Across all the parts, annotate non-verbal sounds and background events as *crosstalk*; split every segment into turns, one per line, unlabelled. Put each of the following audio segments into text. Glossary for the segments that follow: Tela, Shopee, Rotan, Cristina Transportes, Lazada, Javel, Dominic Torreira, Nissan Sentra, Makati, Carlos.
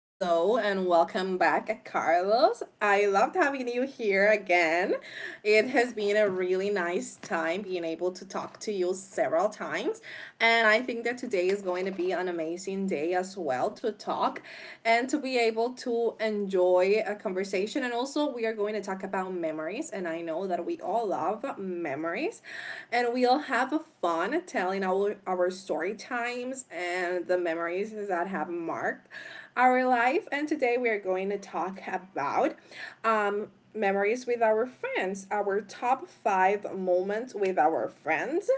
Hello and welcome back, Carlos. I loved having you here again. It has been a really nice time being able to talk to you several times. And I think that today is going to be an amazing day as well to talk and to be able to enjoy a conversation. And also, we are going to talk about memories. And I know that we all love memories. And we'll have fun telling our story times and the memories that have marked our life. And today we are going to talk about um, memories with our friends, our top five moments with our friends.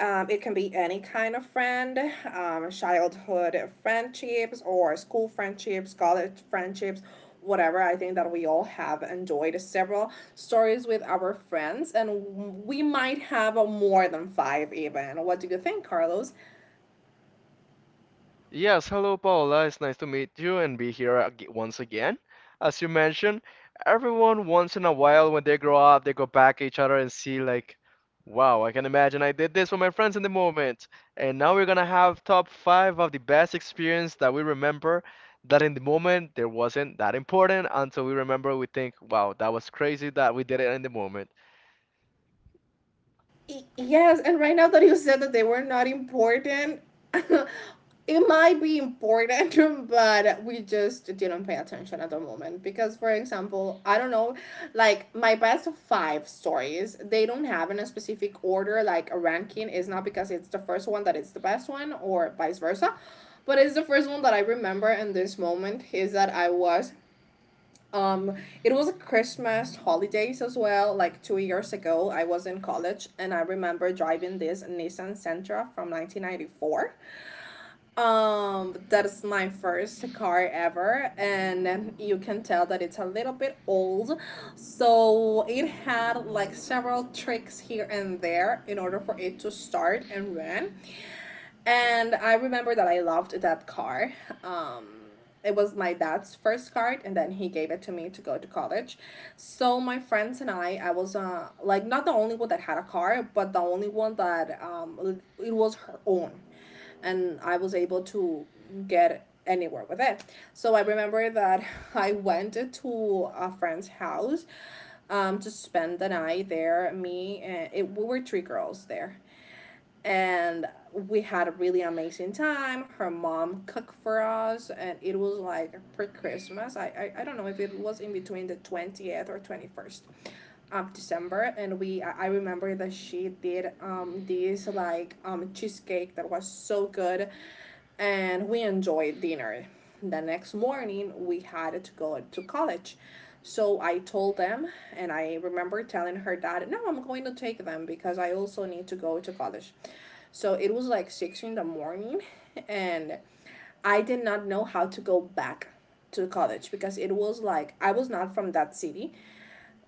It can be any kind of friend, childhood friendships, or school friendships, college friendships, whatever. I think that we all have enjoyed several stories with our friends, and we might have more than five, even. What do you think, Carlos?
Yes, hello, Paola. It's nice to meet you and be here once again. As you mentioned, everyone once in a while when they grow up, they go back at each other and see like, wow, I can imagine I did this with my friends in the moment. And now we're gonna have top five of the best experience that we remember that in the moment there wasn't that important until we remember we think, wow, that was crazy that we did it in the moment.
Yes, and right now that you said that they were not important, *laughs* it might be important, *laughs* but we just didn't pay attention at the moment. Because, for example, I don't know, like my best five stories, they don't have in a specific order, like a ranking. It's not because it's the first one that it's the best one, or vice versa. But it's the first one that I remember in this moment is that I was um it was a Christmas holidays as well, like 2 years ago. I was in college and I remember driving this Nissan Sentra from 1994. That's my first car ever, and you can tell that it's a little bit old, so it had like several tricks here and there in order for it to start and run. And I remember that I loved that car. Um, it was my dad's first car, and then he gave it to me to go to college. So my friends and I was like not the only one that had a car, but the only one that, it was her own. And I was able to get anywhere with it. So I remember that *laughs* I went to a friend's house, to spend the night there. Me and it, we were three girls there, and we had a really amazing time. Her mom cooked for us, and it was like pre Christmas. I don't know if it was in between the 20th or 21st of December. And we I remember that she did this like cheesecake that was so good, and we enjoyed dinner. The next morning we had to go to college. So I told them, and I remember telling her dad, no, I'm going to take them because I also need to go to college. So it was like six in the morning, and I did not know how to go back to college because it was like I was not from that city.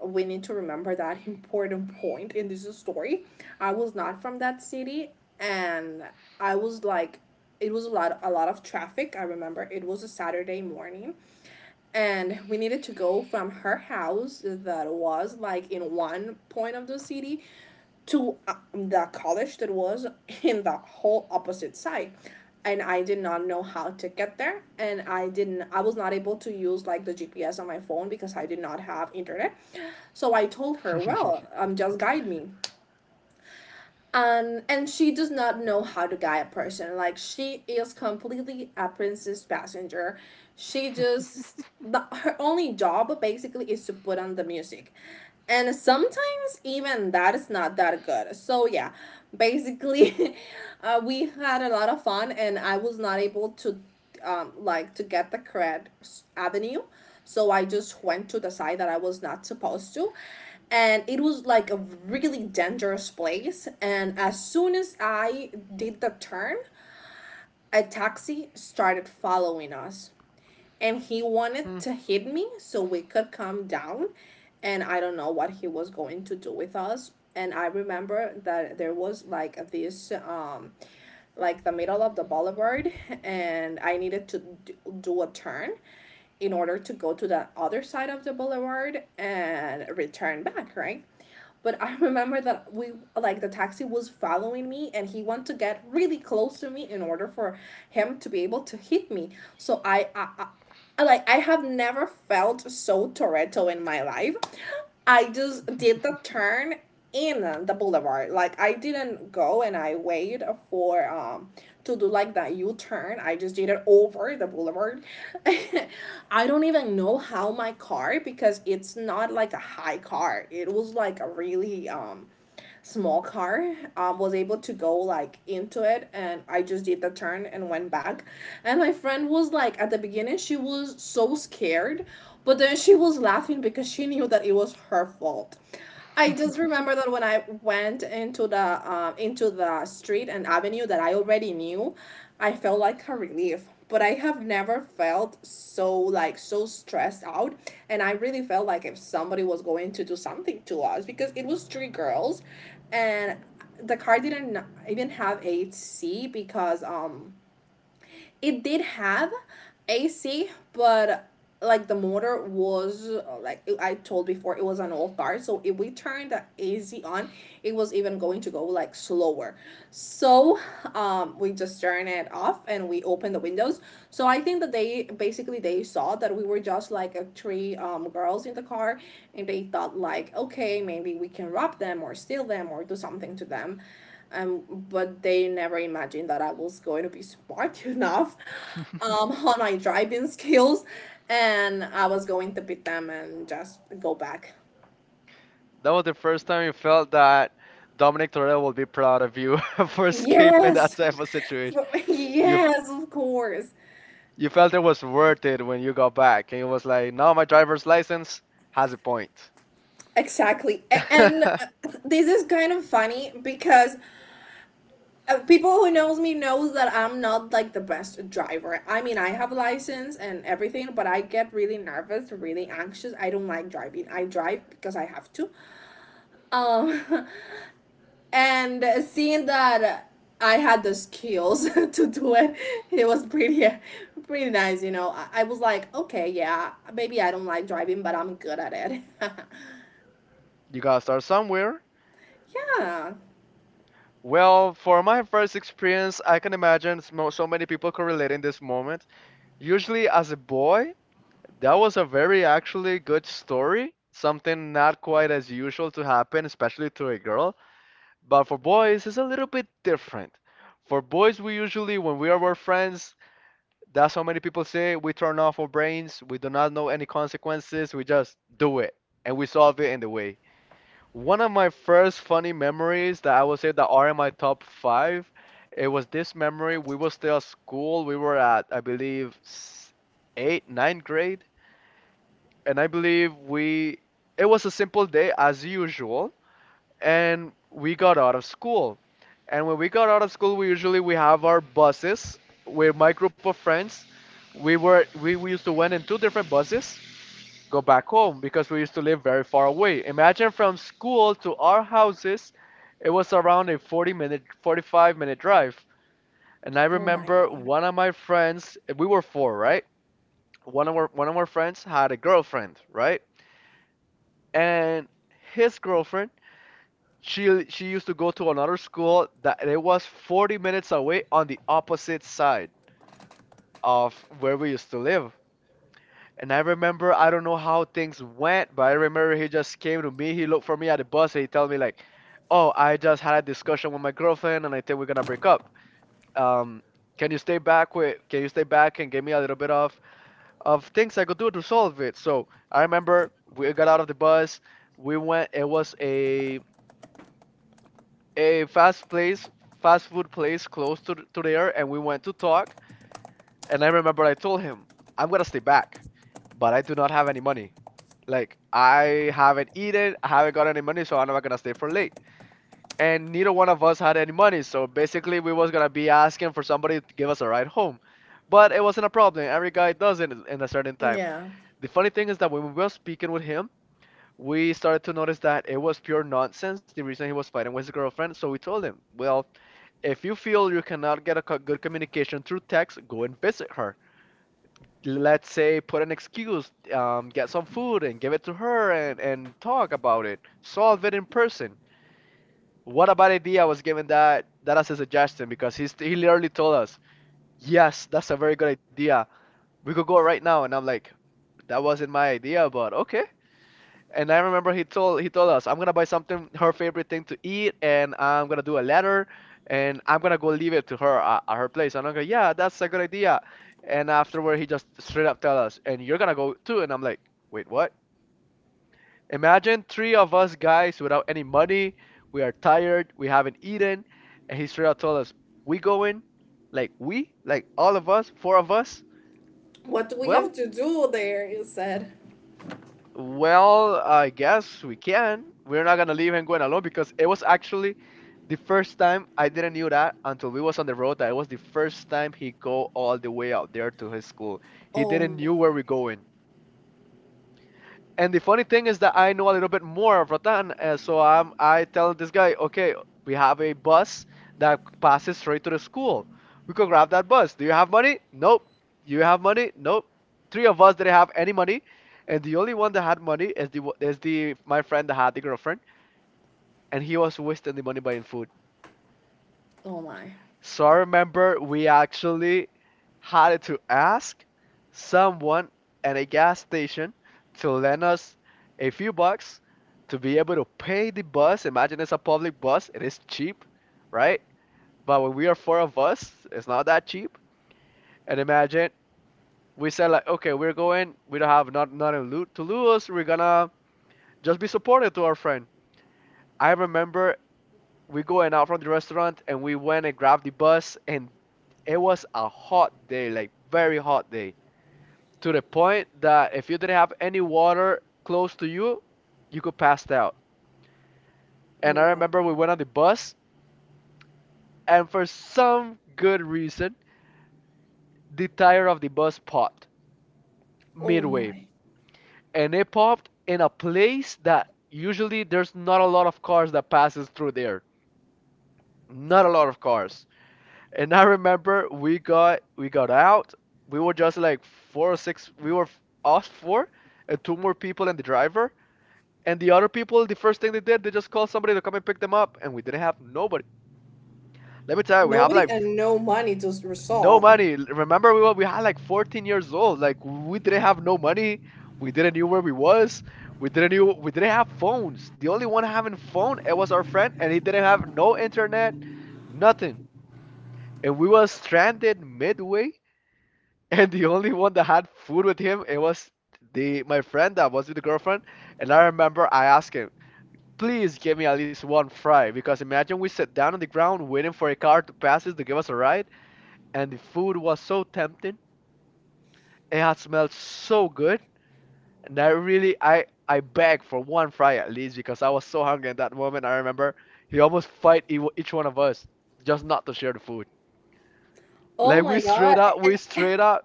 We need to remember that important point in this story. I was not from that city, and I was like, it was a lot of traffic. I remember it was a Saturday morning, and we needed to go from her house that was like in one point of the city to the college that was in the whole opposite side. And I did not know how to get there, and I was not able to use like the GPS on my phone because I did not have internet. So I told her, well, just guide me. And she does not know how to guide a person. Like she is completely a princess passenger. She just
*laughs*
her only job basically is to put on the music, and sometimes even that is not that good. So yeah, basically *laughs* we had a lot of fun, and I was not able to, like to get the correct avenue. So I just went to the side that I was not supposed to, and it was like a really dangerous place. And as soon as I did the turn, a taxi started following us, and he wanted to hit me so we could come down. And I don't know what he was going to do with us. And I remember that there was like this like the middle of the boulevard, and I needed to do a turn in order to go to the other side of the boulevard and return back, right? But I *laughs* remember that we, like the taxi was following me, and he wanted to get really close to me in order for him to be able to hit me. So I like, I have never felt so Toretto in my life. I just did the turn in the boulevard. Like I didn't go and I waited for to do like that U turn. I just did it over the boulevard. *laughs* I don't even know how my car, because it's not like a high car. It was like a really small car, was able to go like into it. And I just did the turn and went back. And my friend was like, at the beginning she was so scared, but then she was laughing because she knew that it was her fault. I just remember that when I went into the street and avenue that I already knew, I felt like a relief, but I have never felt so like so stressed out. And I really felt like if somebody was going to do something to us because it was three girls. And the car didn't even have a seat because it did have AC, but like the motor was, like I told before, it was an old car. So if we turned the AC on, it was even going to go like slower. So we just turned it off and we opened the windows. So I think that they basically they saw that we were just like a three girls in the car, and they thought like, okay, maybe we can rob them or steal them or do something to them, but they never imagined that I was going to be smart *laughs* enough, on my driving skills, and I was going to beat them and just go back.
That was the first time you felt that Dominic Torreira will be proud of you *laughs* for escaping that
Yes,
type of situation.
*laughs*
You f-
yes, of course,
you felt it was worth it when you got back, and it was like, now my driver's license has a point.
exactly. And
*laughs*
this is kind of funny because people who knows me knows that I'm not like the best driver. I mean, I have license and everything, but I get really nervous, really anxious. I don't like driving. I drive because I have to. Um, *laughs* and seeing that I had the skills *laughs* to do it, it was pretty, *laughs* pretty nice. You know, I was like, okay, yeah, maybe I don't like driving, but I'm good at it. *laughs*
You gotta start somewhere.
Yeah.
Well, for my first experience, I can imagine so many people correlating this moment. Usually, as a boy, that was a very actually good story. Something not quite as usual to happen, especially to a girl. But for boys, it's a little bit different. For boys, we usually, when we are with friends, that's how many people say we turn off our brains, we do not know any consequences, we just do it and we solve it in the way. One of my first funny memories that I would say that are in my top five, it was this memory. We were still at school, we were at, I believe, eight, ninth grade, and I believe it was a simple day as usual and we got out of school. And when we got out of school, we usually we have our buses with my group of friends. We used to went in two different buses, go back home because we used to live very far away. Imagine from school to our houses, it was around a 40 minute 45-minute drive.
Oh my
And I
god.
remember one of my friends, we were four, right? One of our friends had a girlfriend, right? And his girlfriend she used to go to another school that it was 40 minutes away on the opposite side of where we used to live. And I remember I don't know how things went, but I remember he just came to me. He looked for me at the bus and he told me like, "Oh, I just had a discussion with my girlfriend and I think we're gonna break up. Um, can you stay back with? Can you stay back and give me a little bit of things I could do to solve it?" So I remember we got out of the bus. We went. It was a fast place, fast food place close to there, and we went to talk. And I remember I told him, I'm gonna stay back, but I do not have any money. Like I haven't eaten, I haven't got any money, so I'm not gonna stay for late. And neither one of us had any money, so basically we was gonna be asking for somebody to give us a ride home. But it wasn't a problem. Every guy does it in a certain time.
Yeah.
The funny thing is that when we were speaking with him, we started to notice that it was pure nonsense. The reason he was fighting with his girlfriend, so we told him, well, if you feel you cannot get a good communication through text, go and visit her. Let's say put an excuse, get some food and give it to her and talk about it. Solve it in person. What a bad idea was given that that as a suggestion because he literally told us, yes, that's a very good idea. We could go right now. And I'm like, that wasn't my idea, but okay. And I remember he told us, I'm gonna buy something her favorite thing to eat, and I'm gonna do a letter, and I'm gonna go leave it to her at her place. And I'm like, yeah, that's a good idea. And afterward, he just straight up tell us, and you're gonna go too. And I'm like, wait, what? Imagine three of us guys without any money. We are tired. We haven't eaten. And he straight up told us, we going, like we, like all of us, four of us.
What do we have
Well,
to do there? You said.
Well, I guess we can. We're not gonna leave and going alone because it was actually the first time I didn't knew that until we was on the road that it was the first time he go all the way out there to his school. He
Oh
didn't
my.
knew where we going. And the funny thing is that I know a little bit more of Rotan, so I tell this guy, okay, we have a bus that passes straight to the school. We could grab that bus. Do you have money? Nope. You have money? Nope. Three of us didn't have any money, and the only one that had money is the my friend that had the girlfriend, and he was wasting the money buying food.
Oh my.
So I remember we actually had to ask someone at a gas station to lend us a few bucks to be able to pay the bus. Imagine it's a public bus, it is cheap, right? But when we are four of us, it's not that cheap. And imagine we said like, okay, we're going, we don't have not nothing to lose, we're gonna just be supportive to our friend. I remember we going out from the restaurant and we went and grabbed the bus and it was a hot day, like very hot day, to the point that if you didn't have any water close to you, you could pass out. And
Oh
I
my.
remember we went on the bus and for some good reason, the tire of the bus popped
Oh
midway
my.
and it popped in a place that usually there's not a lot of cars that passes through there. Not a lot of cars. And I remember we got out. We were just like four or six. We were us four, and two more people and the driver. And the other people, the first thing they did, they just called somebody to come and pick them up, and we didn't have nobody. Let me tell you, we have
Nobody and no money to
no
resolve.
money. Remember, we had like 14 years old. Like we didn't have no money. We didn't knew where we was. We didn't have phones. The only one having phone it was our friend, and he didn't have no internet, nothing. And we was stranded midway and the only one that had food with him it was the my friend that was with the girlfriend and I remember I asked him, please give me at least one fry because imagine we sit down on the ground waiting for a car to pass us to give us a ride and the food was so tempting, it had smelled so good and I really I begged for one fry at least because I was so hungry at that moment. I remember he almost fight each one of us just not to share the food.
Oh
Like
my god. Eh,
we
eh.
straight up,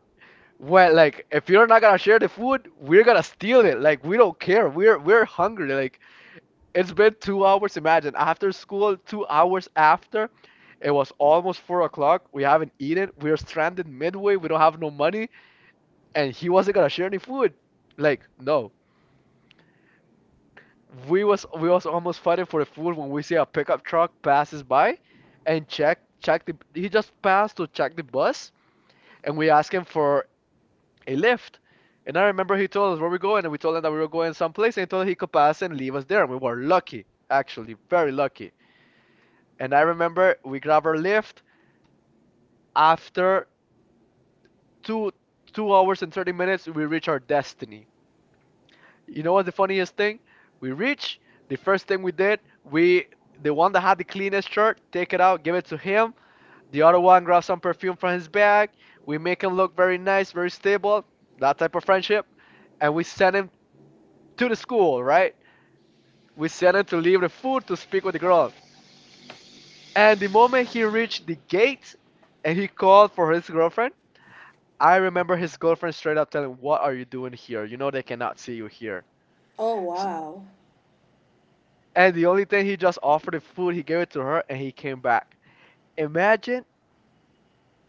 well, like if you're not gonna share the food, we're gonna steal it. Like we don't care. We're hungry. Like it's been 2 hours. Imagine after school, 2 hours after, it was almost 4 o'clock. We haven't eaten. We're stranded midway. We don't have no money, and he wasn't gonna share any food. Like no, we was almost fighting for the food when we see a pickup truck passes by, and check check the he just passed to check the bus, and we ask him for He left. And I remember he told us where we're going, and we told him that we were going someplace, and he told us he could pass and leave us there. And we were lucky, actually, very lucky. And I remember we grabbed our lift. After two two hours and 30 minutes, we reach our destiny. You know what's the funniest thing? We reach. The first thing we did, we the one that had the cleanest shirt, take it out, give it to him. The other one grabs some perfume from his bag. We make him look very nice, very stable, that type of friendship. And we send him to the school, right? We sent him to leave the food to speak with the girl. And the moment he reached the gate and he called for his girlfriend, I remember his girlfriend straight up telling, what are you doing here? You know they cannot see you here.
Oh
S-
wow.
And the only thing, he just offered the food, he gave it to her and he came back. Imagine,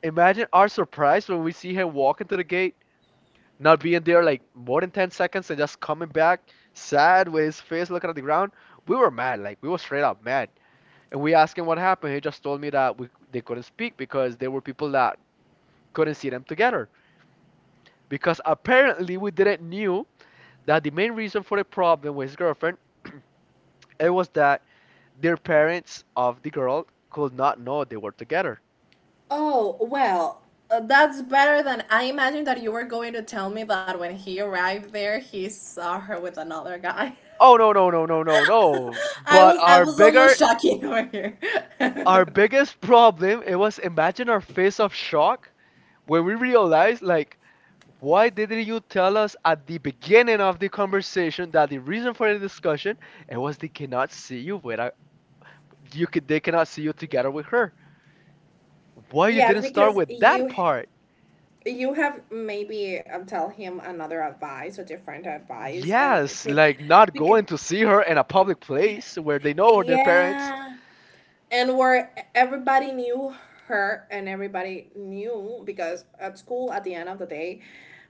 imagine our surprise when we see him walking to the gate, not being there like more than 10 seconds and just coming back sad with his face looking at the ground. We were mad, like we were straight up mad. And we asked him what happened. He just told me that we, they couldn't speak because there were people that couldn't see them together. Because apparently we didn't knew that the main reason for the problem with his girlfriend, it was that their parents of the girl could not know they were together.
Oh, well, that's better than I imagined that you were going to tell me that when he arrived there, he saw her with another guy.
Oh no no no no no no!
*laughs*
But
I
our
was
bigger
almost shocking over here.
Our
*laughs*
biggest problem, it was, imagine our face of shock when we realized, like, why didn't you tell us at the beginning of the conversation that the reason for the discussion, it was they cannot see you without, you could they cannot see you together with her? Why you
Yes,
didn't start
because
with that
you
part?
you have maybe tell him another advice or different advice, and
Yes,
should,
like not
because
going to see her in a public place where they know their parents.
yeah, and where everybody knew her, and everybody knew, because at school at the end of the day,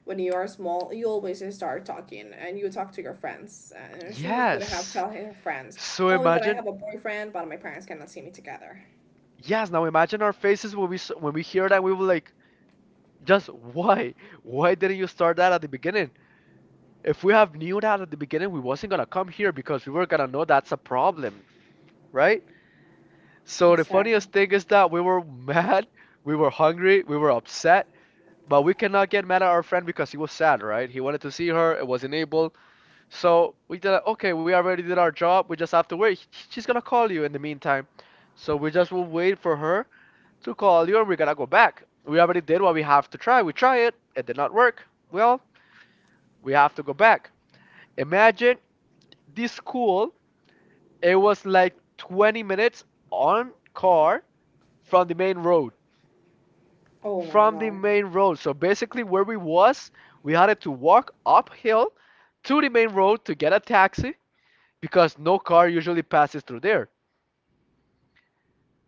when you are small you always just start talking and you talk to your friends, and she would have
Yes,
told her friends
so
always that I
imagine.
have a boyfriend but my parents cannot see me together.
Yes, now imagine our faces when when we hear that, we will like, just why? Why didn't you start that at the beginning? If we have knew that at the beginning, we wasn't gonna come here because we were gonna know that's a problem, right? So the
Exactly.
funniest thing is that we were *laughs* mad, we were hungry, we were upset, but we cannot get mad at our friend because he was sad, right? He wanted to see her, it wasn't able. So we did like, okay, we already did our job, we just have to wait. She's gonna call you in the meantime. So we just will wait for her to call you and we're gonna go back. We already did what we have to try. We try it, it did not work. Well, we have to go back. Imagine, this school, it was like 20 minutes on car from the main road.
Oh my
From the
god.
main road. So basically where we was, we had to walk uphill to the main road to get a taxi because no car usually passes through there.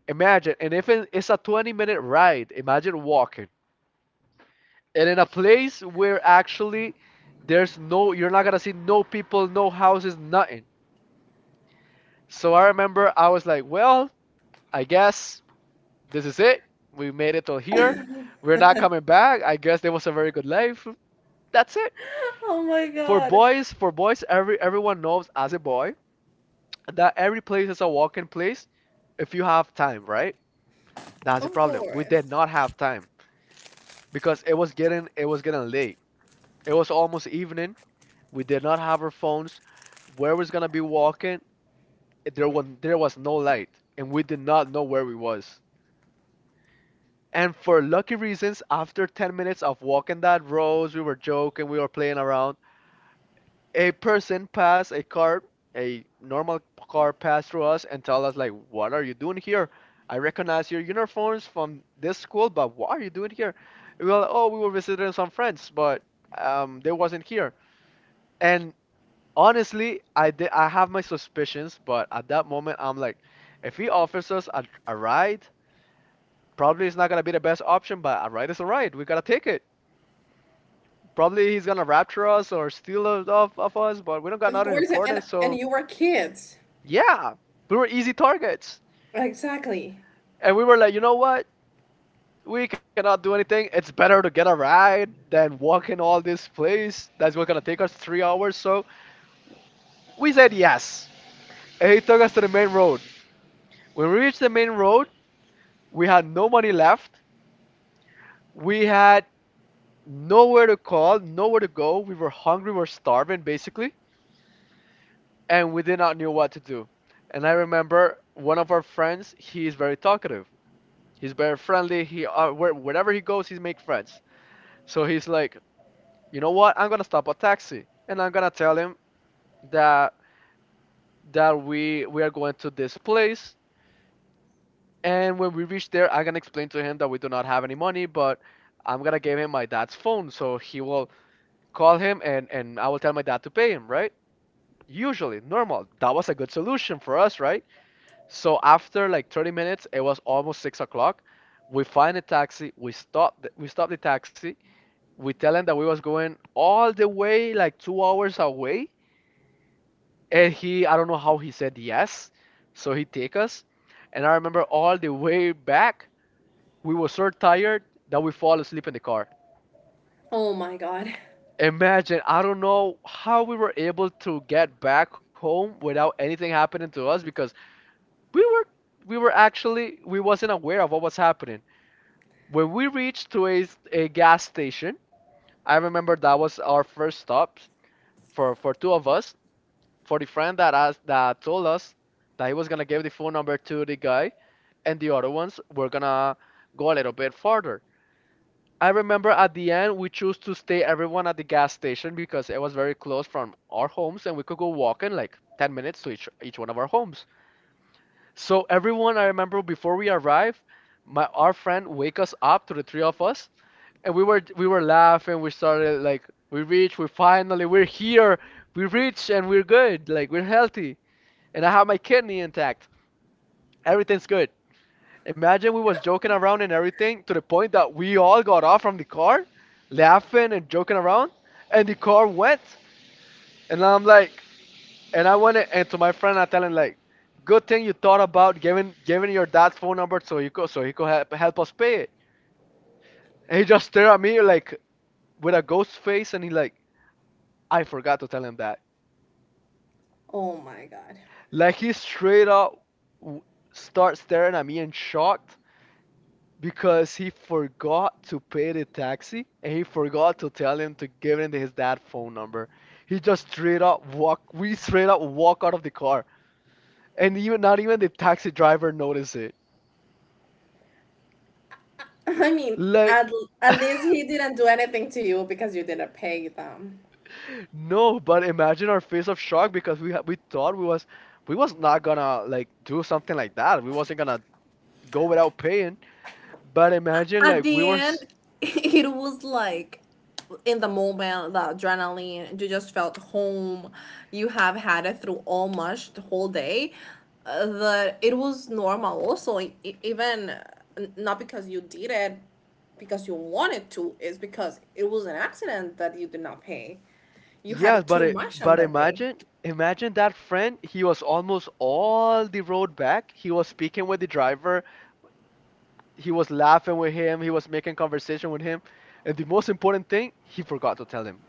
Imagine, and if it's a 20-minute ride, imagine walking. And in a place where actually there's no, you're not gonna see no people, no houses, nothing. So I remember I was like, well, I guess this is it. We made it till here. We're not coming back. I guess it was a very good life. That's it.
*laughs* Oh my god.
For boys, everyone knows as a boy that every place is a walking place if you have time, right? That's the
Of
problem. We
course.
did not have time because it was getting late. It was almost evening. We did not have our phones. Where was gonna be walking? There was no light, and we did not know where we was. And for lucky reasons, after 10 minutes of walking that road, we were joking, we were playing around. A person passed a car, a normal car passed through us and told us, like, what are you doing here? I recognize your uniforms from this school, but what are you doing here? We were like, oh, we were visiting some friends, but they wasn't here. And honestly, I have my suspicions, but at that moment, I'm like, if he offers us a ride, probably it's not gonna be the best option, but a ride is a ride. We gotta take it. Probably he's gonna rapture us or steal us off of us, but we don't got
Of
nothing
course,
important.
and
So
you were kids.
yeah, we were easy targets,
Exactly.
and we were like, you know what? We cannot do anything. It's better to get a ride than walking all this place. That's what's gonna take us 3 hours. So we said yes, and he took us to the main road. When we reached the main road, we had no money left. We had nowhere to call, nowhere to go. We were hungry, we were starving, basically. And we did not know what to do. And I remember one of our friends, he is very talkative. He's very friendly. He wherever he goes, he make friends. So he's like, you know what? I'm gonna stop a taxi and I'm gonna tell him that that we are going to this place. And when we reach there, I'm gonna explain to him that we do not have any money, but I'm gonna give him my dad's phone, so he will call him and I will tell my dad to pay him, right? Usually, normal. That was a good solution for us, right? So after like 30 minutes, it was almost 6 o'clock. We find a taxi. We stop. We stop the taxi. We tell him that we was going all the way like 2 hours away, and he I don't know how he said yes. So he take us, and I remember all the way back we were so tired that we fall asleep in the car.
Oh my god.
Imagine, I don't know how we were able to get back home without anything happening to us because we were we were actually, we wasn't aware of what was happening. When we reached to a gas station, I remember that was our first stop for two of us. For the friend that asked that told us that he was gonna give the phone number to the guy, and the other ones were gonna go a little bit farther. I remember at the end we chose to stay everyone at the gas station because it was very close from our homes and we could go walking like 10 minutes to each one of our homes. So everyone, I remember before we arrived, my our friend wake us up to the three of us and we were laughing. We started like we reached. We're here. We reached and we're good. Like we're healthy, and I have my kidney intact. Everything's good. Imagine, we was joking around and everything to the point that we all got off from the car, laughing and joking around, and the car went. And I'm like, and I went and to my friend I tell him like, good thing you thought about giving your dad's phone number so you could, so he could help us pay it. And he just stared at me like with a ghost face and he like, I forgot to tell him that.
Oh my god.
Like he straight up w- starts staring at me and shocked because he forgot to pay the taxi and he forgot to tell him to give him his dad phone number. He just straight up walk. We straight up walk out of the car, and even not even the taxi driver noticed it.
*laughs* I mean,
Like
at, at least
*laughs*
he didn't do anything to you because you didn't pay them.
no, but imagine our face of shock because we thought we was not gonna like do something like that. We wasn't gonna go without paying. But imagine
At
like
the end, *laughs* it was like, in the moment, the adrenaline, you just felt home. You have had it through all much the whole day. That it was normal also, even not because you did it, because you wanted to. Is because it was an accident that you did not pay. You
yes,
had
but
too much on
but
that day.
imagine, imagine that friend. He was almost all the road back. He was speaking with the driver. He was laughing with him. He was making conversation with him. And the most important thing, he forgot to tell him.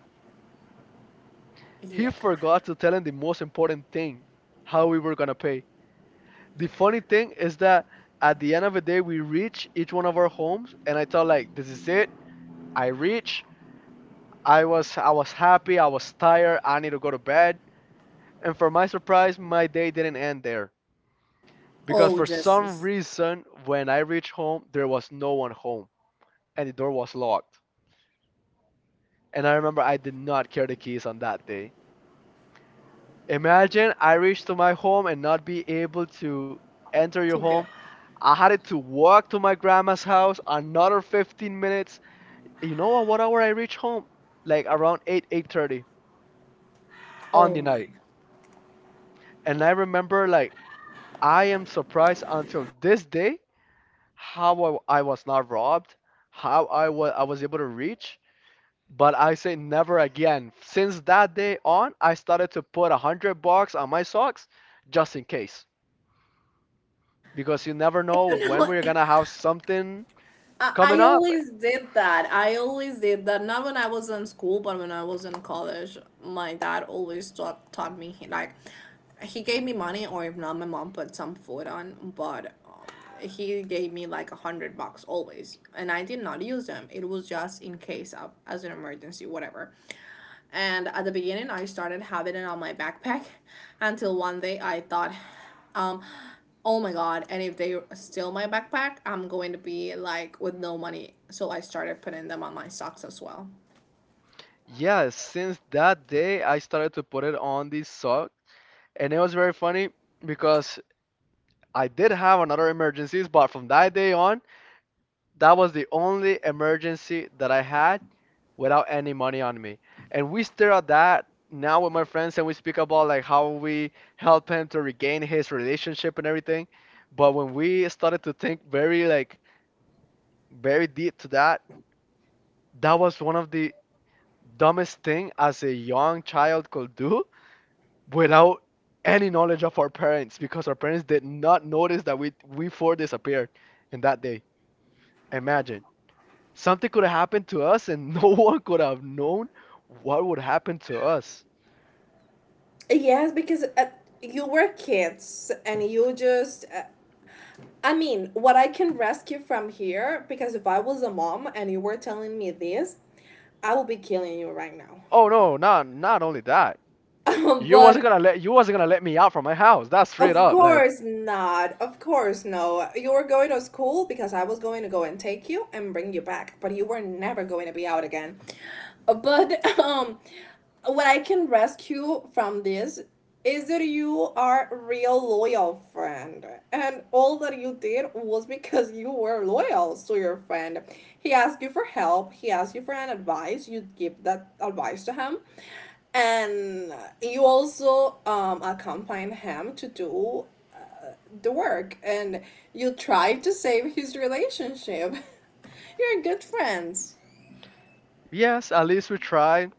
He
Yeah.
forgot to tell him the most important thing, how we were gonna pay. The funny thing is that at the end of the day, we reach each one of our homes, and I thought like, this is it. I reach. I was happy. I was tired. I need to go to bed. And for my surprise, my day didn't end there. Because
Oh,
for some
Jesus.
reason when I reached home there was no one home and the door was locked. And I remember I did not care the keys on that day. Imagine, I reached to my home and not be able to enter your
Take
home.
it.
I had to walk to my grandma's house another 15 minutes. You know at what hour I reached home? Like around 8 8:30 on
Oh
the
my. *laughs*
night. And I remember like I am surprised until this day how I was not robbed, how I was able to reach. But I say never again. Since that day on, I started to put 100 bucks on my socks just in case. Because you never know
You
when
know,
we're gonna have something coming
I
up.
always did that. I always did that. Not when I was in school, but when I was in college, my dad always taught me, like, he gave me money, or if not, my mom put some food on, but he gave me like $100 always. And I did not use them. It was just in case of, as an emergency, whatever. And at the beginning, I started having it on my backpack *laughs* until one day I thought, Um, oh my god! And if they steal my backpack, I'm going to be like with no money. So I started putting them on my socks as well.
Yeah, since that day, I started to put it on these socks. And it was very funny because I did have another emergencies, but from that day on, that was the only emergency that I had without any money on me. And we stare at that now with my friends and we speak about like how we help him to regain his relationship and everything. But when we started to think very like very deep to that, that was one of the dumbest thing as a young child could do without any knowledge of our parents because our parents did not notice that we four disappeared in that day. Imagine. Something could have happened to us and no *laughs* one could have known what would happen to us.
Yes, because you were kids and you just. I mean, what I can rescue from here, because if I was a mom and you were telling me this, I would be killing you right now.
Oh no, not only that. You wasn't
*laughs* but
gonna let you wasn't gonna let me out from my house. That's straight
Of
up. Like,
course not. Of course no. You were going to school because I was going to go and take you and bring you back, but you were never going to be out again. But *laughs* um what I can rescue from this is that you are a real loyal friend and all that you did was because you were loyal to your friend. He asked you for help, he asked you for an advice, you give that advice to him and you also accompany him to do the work and you try to save his relationship. *laughs* You're good friends.
yes, at least we tried.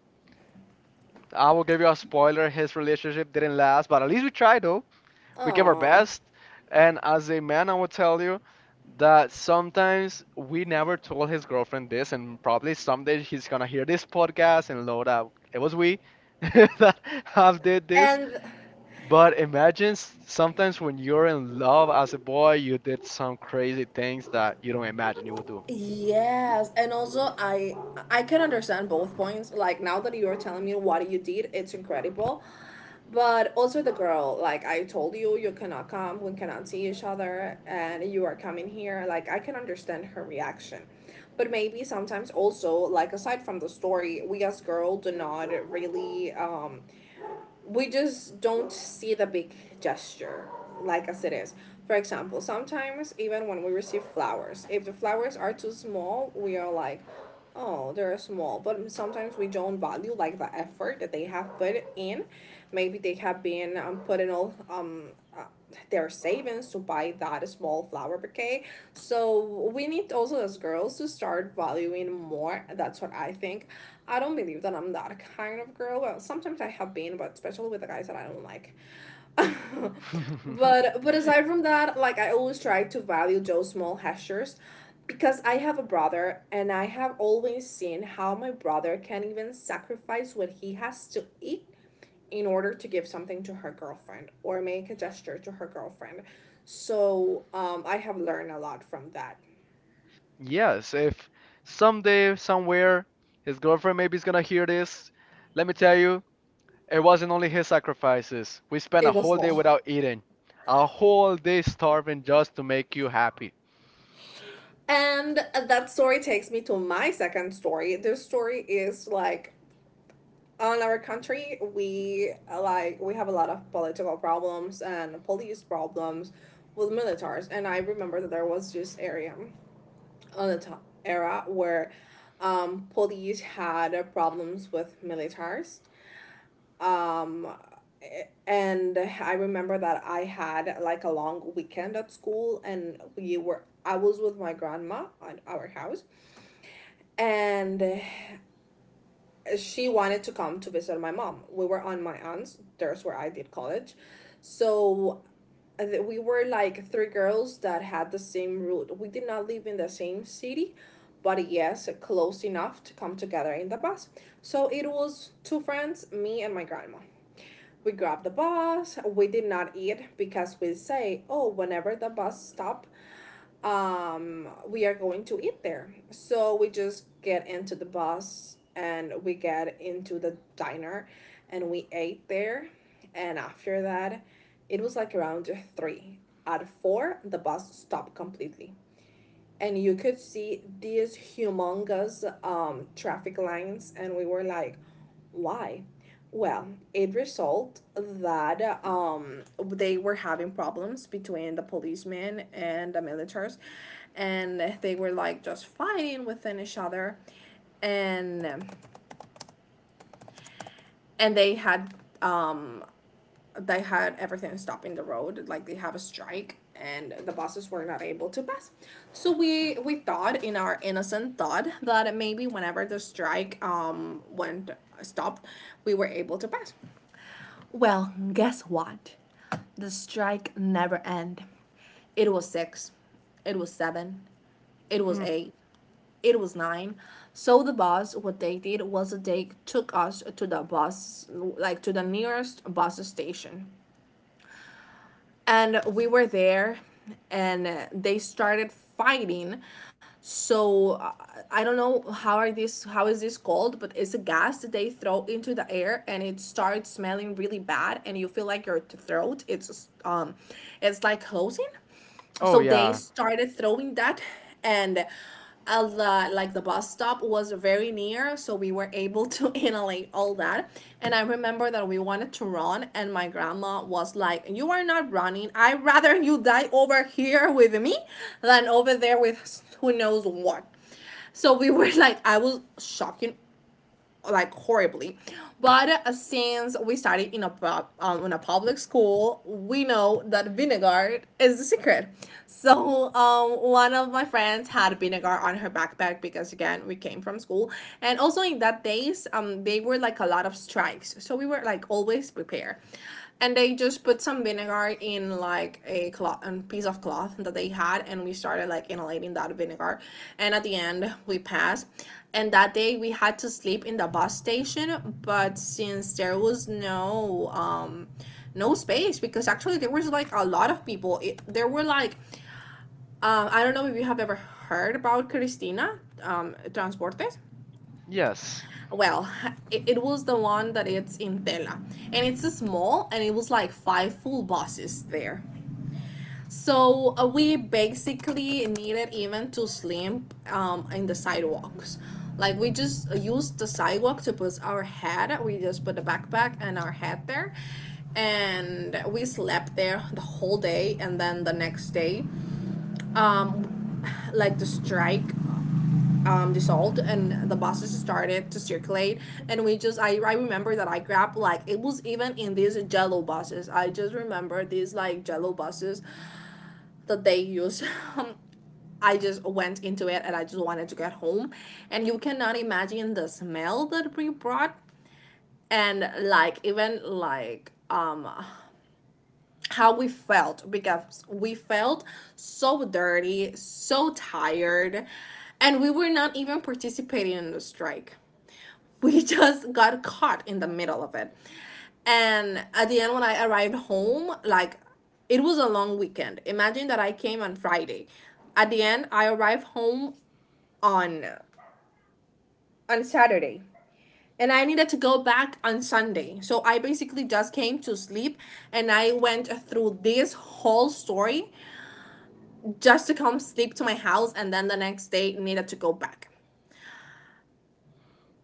I will give you a spoiler, his relationship didn't last, but at least we tried though. We gave our
Oh.
best. And as a man, I will tell you that sometimes we never told his girlfriend this, and probably someday he's gonna hear this podcast and know that it was we *laughs* that have did this.
and
But imagine sometimes when you're in love as a boy, you did some crazy things that you don't imagine you would do. *laughs*
Yes, and also I can understand both points. Like now that you are telling me what you did, it's incredible. But also the girl, like I told you, you cannot come, we cannot see each other, and you are coming here. Like I can understand her reaction. But maybe sometimes also, like aside from the story, we as girls do not really we just don't see the big gesture like as it is. For example, sometimes even when we receive flowers, if the flowers are too small, we are like, oh, they're small. But sometimes we don't value like the effort that they have put in. Maybe they have been putting all uh, their savings to buy that small flower bouquet. So we need also as girls to start valuing more. That's what I think. I don't believe that I'm that kind of girl. Well, sometimes I have been, but especially with the guys that I don't like. *laughs* But aside from that, like I always try to value those small gestures because I have a brother and I have always seen how my brother can even sacrifice what he has to eat in order to give something to her girlfriend or make a gesture to her girlfriend. So I have learned a lot from that.
Yes, if someday, somewhere, his girlfriend maybe is gonna hear this, let me tell you, it wasn't only his sacrifices. We spent a
It was
whole day
all.
without eating, a whole day starving just to make you happy.
And that story takes me to my second story. This story is like on our country we like we have a lot of political problems and police problems with militars, and I remember that there was this area on the top era where police had problems with militars. um, and I remember that I had like a long weekend at school and we were I was with my grandma at our house and she wanted to come to visit my mom. We were on my aunt's. There's where I did college. So we were like three girls that had the same route. We did not live in the same city, but yes, close enough to come together in the bus. So it was two friends, me and my grandma. We grabbed the bus. We did not eat because we say, oh, whenever the bus stop, we are going to eat there. So we just get into the bus and we get into the diner and we ate there. And after that, it was like around three. At four, the bus stopped completely and you could see these humongous traffic lines and we were like why. Well, it resulted that they were having problems between the policemen and the militaries, and they were like just fighting within each other, and and um, they had everything stopping the road, like they have a strike and the buses were not able to pass. So we thought in our innocent thought that maybe whenever the strike went stopped, we were able to pass. Well, guess what? The strike never end. It was six, it was seven, it was
Hmm.
eight, it was nine. So the bus, what they did was they took us to the bus, like to the nearest bus station, and we were there and they started fighting. So I don't know how is this called, but it's a gas that they throw into the air and it starts smelling really bad and you feel like your throat it's it's like closing.
Oh,
So they
yeah.
started throwing that. And like the bus stop was very near, so we were able to *laughs* inhalate all that. And I remember that we wanted to run and my grandma was like, you are not running, I'd rather you die over here with me than over there with who knows what. So we were *laughs* like, I was shocking like horribly. But since we studied in a in a public school, we know that vinegar is the secret. So one of my friends had vinegar on her backpack because again we came from school, and also in that days they were like a lot of strikes, so we were like always prepared. And they just put some vinegar in like a cloth, a piece of cloth that they had, and we started like inhaling that vinegar. And at the end we passed. And that day we had to sleep in the bus station, but since there was no no space, because actually there was like a lot of people, there were like I don't know if you have ever heard about Cristina Transportes.
Yes.
Well, it was the one that it's in Tela, and it's small, and it was like five full buses there. So we basically needed even to sleep in the sidewalks. Like we just used the sidewalk to put our head, we just put the backpack and our head there, and we slept there the whole day. And then the next day um, like the strike dissolved and the buses started to circulate. And we just I remember that I grabbed like it was even in these jello buses, I just remember these like jello buses that they use. *laughs* I just went into it and I just wanted to get home, and you cannot imagine the smell that we brought and like even like how we felt, because we felt so dirty, so tired, and we were not even participating in the strike, we *laughs* just got caught in the middle of it. And at the end, when I arrived home, like it was a long weekend. Imagine that I came on Friday. At the end, I arrived home on on Saturday. And I needed to go back on Sunday. So I basically just came to sleep, and I went through this whole story just to come sleep to my house and then the next day needed to go back.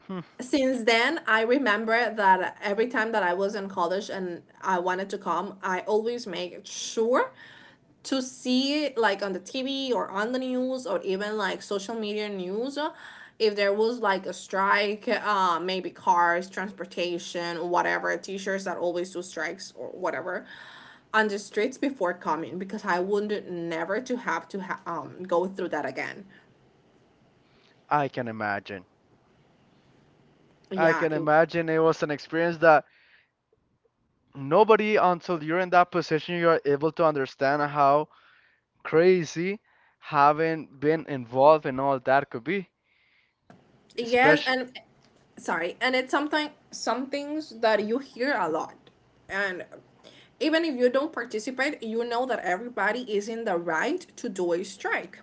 Hmm.
Since then I remember that every time that I was in college and I wanted to come, I always make sure to see like on the TV or on the news or even like social media news if there was like a strike, maybe cars transportation whatever, teachers that always do strikes or whatever on the streets, before coming, because I would never to have to go through that again.
I can imagine. I
Yeah,
can imagine it was an experience that nobody until you're in that position you're able to understand how crazy having been involved in all that could be,
yes,
especially.
and sorry, and it's something, some things that you hear a lot, and even if you don't participate, you know that everybody is in the right to do a strike.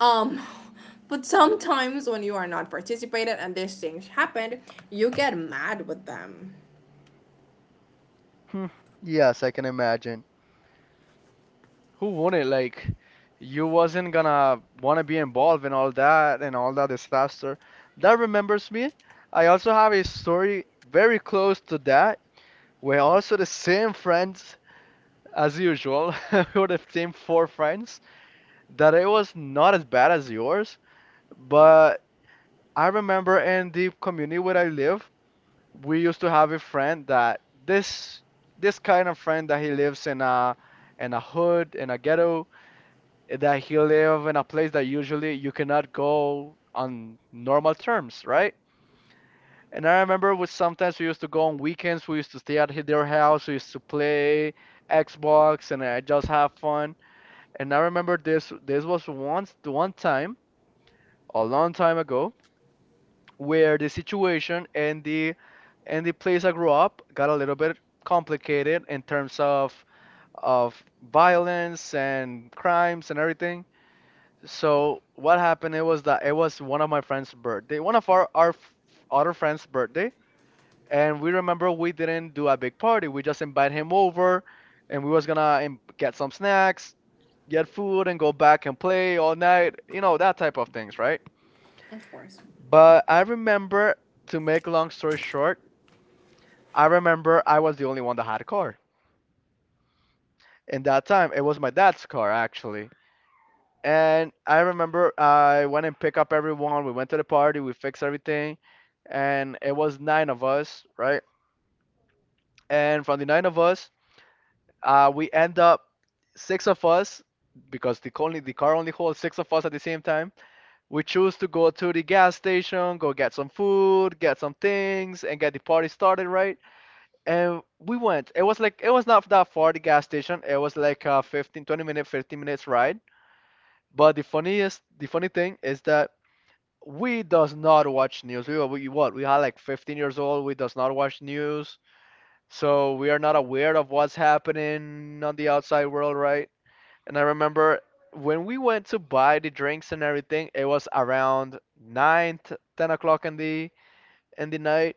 Um, *laughs* but sometimes when you are not participated and these things happen, you get mad with them.
Hmm. Yes, I can imagine. Who wouldn't like, you wasn't gonna wanna be involved in all that and all that disaster. That remembers me, I also have a story very close to that. We're also the same friends, as usual. *laughs* We were the same four friends. That it was not as bad as yours, but I remember in the community where I live, we used to have a friend that this kind of friend that he lives in a hood, in a ghetto, that he live in a place that usually you cannot go on normal terms, right? And I remember with sometimes we used to go on weekends, we used to stay at their house, we used to play Xbox and I just have fun. And I remember this was once the one time a long time ago where the situation and the place I grew up got a little bit complicated in terms of violence and crimes and everything. So what happened it was that it was one of my friend's birthday, one of our other friend's birthday, and we remember we didn't do a big party. We just invite him over, and we was gonna get some snacks, get food, and go back and play all night. You know that type of things, right?
Of course.
But I remember, to make long story short, I remember I was the only one that had a car. In that time, it was my dad's car actually. And I remember I went and picked up everyone. We went to the party, we fixed everything, and it was nine of us, right? And from the nine of us, we end up six of us because the only the car only holds six of us at the same time. We choose to go to the gas station, go get some food, get some things, and get the party started, right? And we went. It was like it was not that far the gas station. It was like a 15, 20 minute, 15 minutes ride. But the funniest, the funny thing is that we does not watch news. We were we, what? We are like 15 years old. We does not watch news. So we are not aware of what's happening on the outside world, right? And I remember when we went to buy the drinks and everything, it was around 9, 10 o'clock in the night,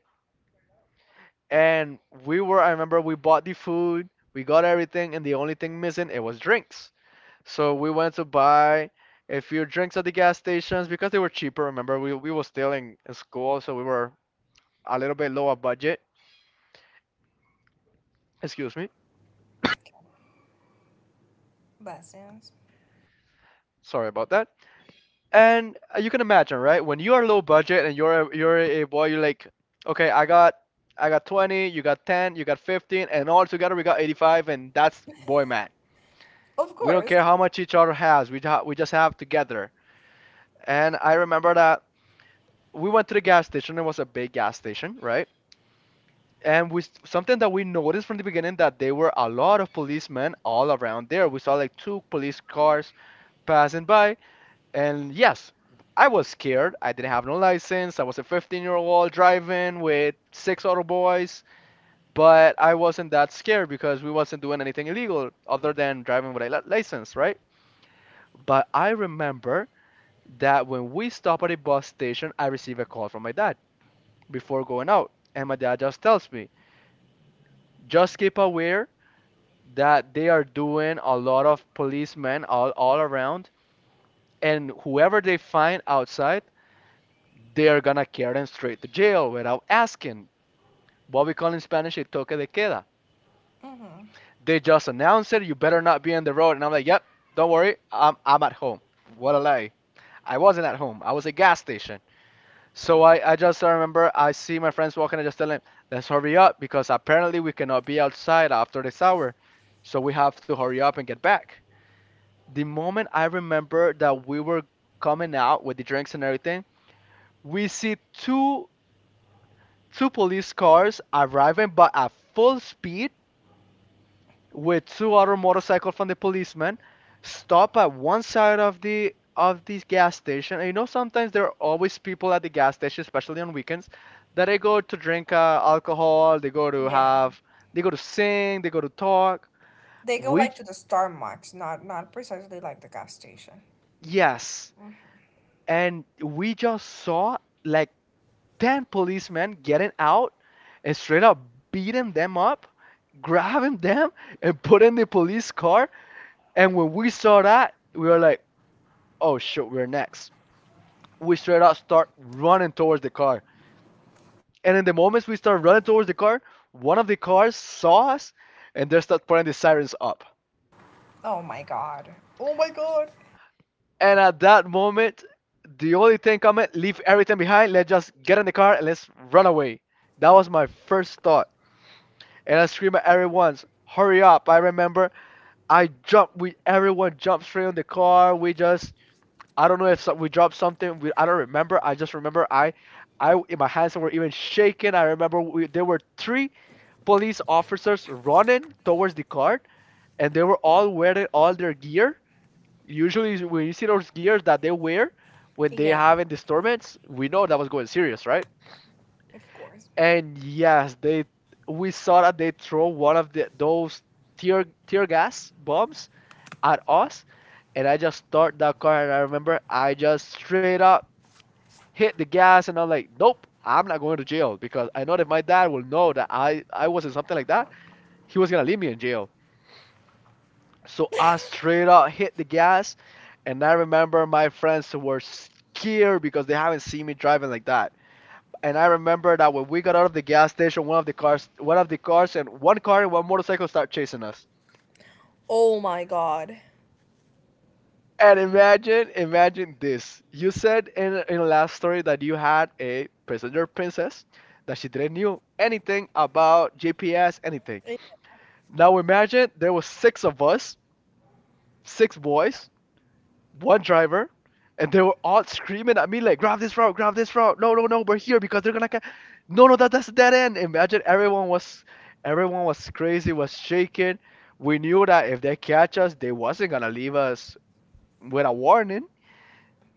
and we were, I remember we bought the food, we got everything, and the only thing missing it was drinks. So we went to buy a few drinks at the gas stations because they were cheaper. Remember we were still in school, so we were a little bit lower budget. Excuse me, sorry about that. And you can imagine, right, when you are low budget and you're a boy you're like, okay, I got 20, you got 10, you got 15, and all together we got 85, and that's boy, man.
Of
We don't
course.
care how much each other has. We just have together. And I remember that we went to the gas station. It was a big gas station, right? And we something that we noticed from the beginning that there were a lot of policemen all around there. We saw like two police cars passing by. And yes, I was scared. I didn't have no license. I was a 15-year-old driving with six other boys, but I wasn't that scared because we wasn't doing anything illegal other than driving with a license, right? But I remember that when we stopped at a bus station, I received a call from my dad before going out. And my dad just tells me, just keep aware that they are doing a lot of policemen all around, and whoever they find outside, they are gonna carry them straight to jail without asking. What we call in Spanish a toque de queda. They just announced it, you better not be on the road. And I'm like, yep, don't worry, I'm at home. What a lie. I wasn't at home, I was at a gas station. So I just I remember I see my friends walking. I just tell them, let's hurry up because apparently we cannot be outside after this hour. So we have to hurry up and get back. The moment I remember that we were coming out with the drinks and everything, we see two police cars arriving but at full speed with two other motorcycle from the policemen, stop at one side of the of this gas station. And you know, sometimes there are always people at the gas station, especially on weekends, that they go to drink alcohol, they go to
Yeah.
have, they go to sing, they go to talk.
They go
We,
like to the star marks, not precisely like the gas station.
yes, and we just saw like 10 policemen getting out and straight up beating them up, grabbing them and putting the police car. And when we saw that, we were like, oh shit, we're next. We straight up start running towards the car. And in the moments we start running towards the car, one of the cars saw us and they start putting the sirens up.
Oh my god. Oh my god.
And at that moment, the only thing coming, leave everything behind, let's just get in the car and let's run away. That was my first thought. And I screamed at everyone, hurry up. I remember I jumped, we everyone jumped straight on the car. We just I don't know if some, we dropped something. We, I don't remember. I just remember I my hands were even shaking. I remember we, there were three police officers running towards the cart, and they were all wearing all their gear. Usually, when you see those gears that they wear when they
Yeah,
have having disturbance, we know that was going serious, right?
of course.
And yes, they we saw that they throw one of the those tear gas bombs at us, and I just started that car. And I remember I just straight up hit the gas and I'm like, nope, I'm not going to jail because I know that my dad will know that I was in something like that. He was gonna leave me in jail. So I straight up hit the gas, and I remember my friends were scared because they haven't seen me driving like that. And I remember that when we got out of the gas station, one of the cars, one of the cars, and one car and one motorcycle start chasing us.
Oh my god.
And imagine, imagine this. You said in the last story that you had a passenger princess that she didn't knew anything about GPS, anything. Now imagine there was six of us, six boys, one driver, and they were all screaming at me like, "Grab this route, grab this route! No, no, no, we're here because they're gonna no, no, that that's a dead end." Imagine everyone was crazy, was shaking. We knew that if they catch us, they wasn't gonna leave us with a warning.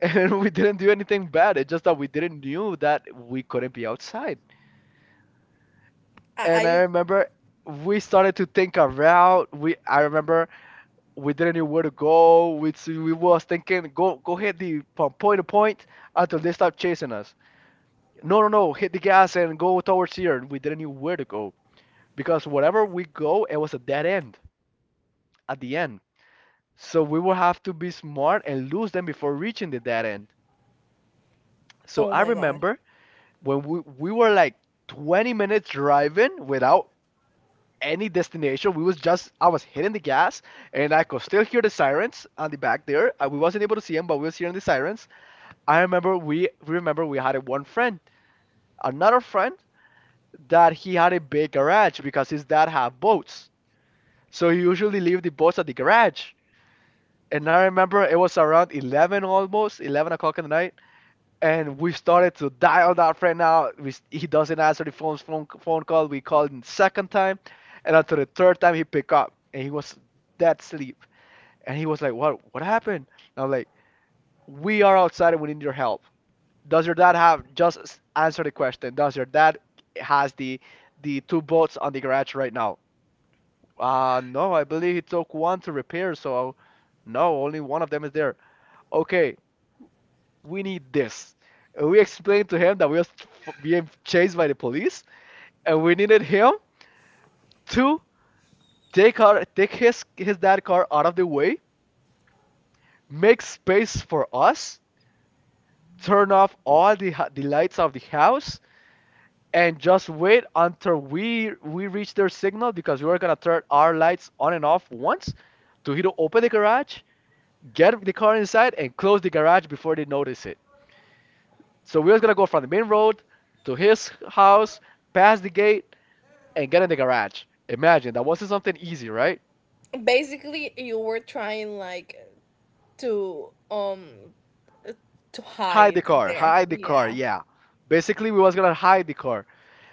And *laughs* we didn't do anything bad. It's just that we didn't knew that we couldn't be outside.
I,
And I
I
remember we started to think a route. We I remember we didn't know where to go. We so we was thinking go go hit the point to point until they start chasing us. No, no, no, hit the gas and go towards here. And we didn't know where to go because wherever we go, it was a dead end at the end. So we will have to be smart and lose them before reaching the dead end. So
oh
I
my god.
remember when we were like 20 minutes driving without any destination. We was just, I was hitting the gas, and I could still hear the sirens on the back there. We wasn't able to see them, but we was hearing the sirens. I remember we remember we had a one friend another friend that he had a big garage because his dad had boats, so he usually leave the boats at the garage. And I remember it was around 11, almost 11 o'clock in the night, and we started to dial that friend out. He doesn't answer the phone call. We called him second time, and after the third time he picked up, and he was dead sleep. And he was like, "What? What happened?" And I'm like, "We are outside and we need your help. Does your dad have, just answer the question, does your dad has the two boats on the garage right now?" "Uh, no, I believe he took one to repair, so no, only one of them is there." "Okay, we need this." And we explained to him that we were being chased by the police, and we needed him to take his dad car out of the way, make space for us, turn off all the lights of the house, and just wait until we reach their signal, because we were gonna turn our lights on and off once to hit open the garage, get the car inside, and close the garage before they notice it. So we were gonna go from the main road to his house, past the gate, and get in the garage. Imagine that wasn't something easy, right?
Basically you were trying like to um to
Hide
hide
the car,
there.
hide the car.
Yeah.
Yeah, basically we was gonna hide the car.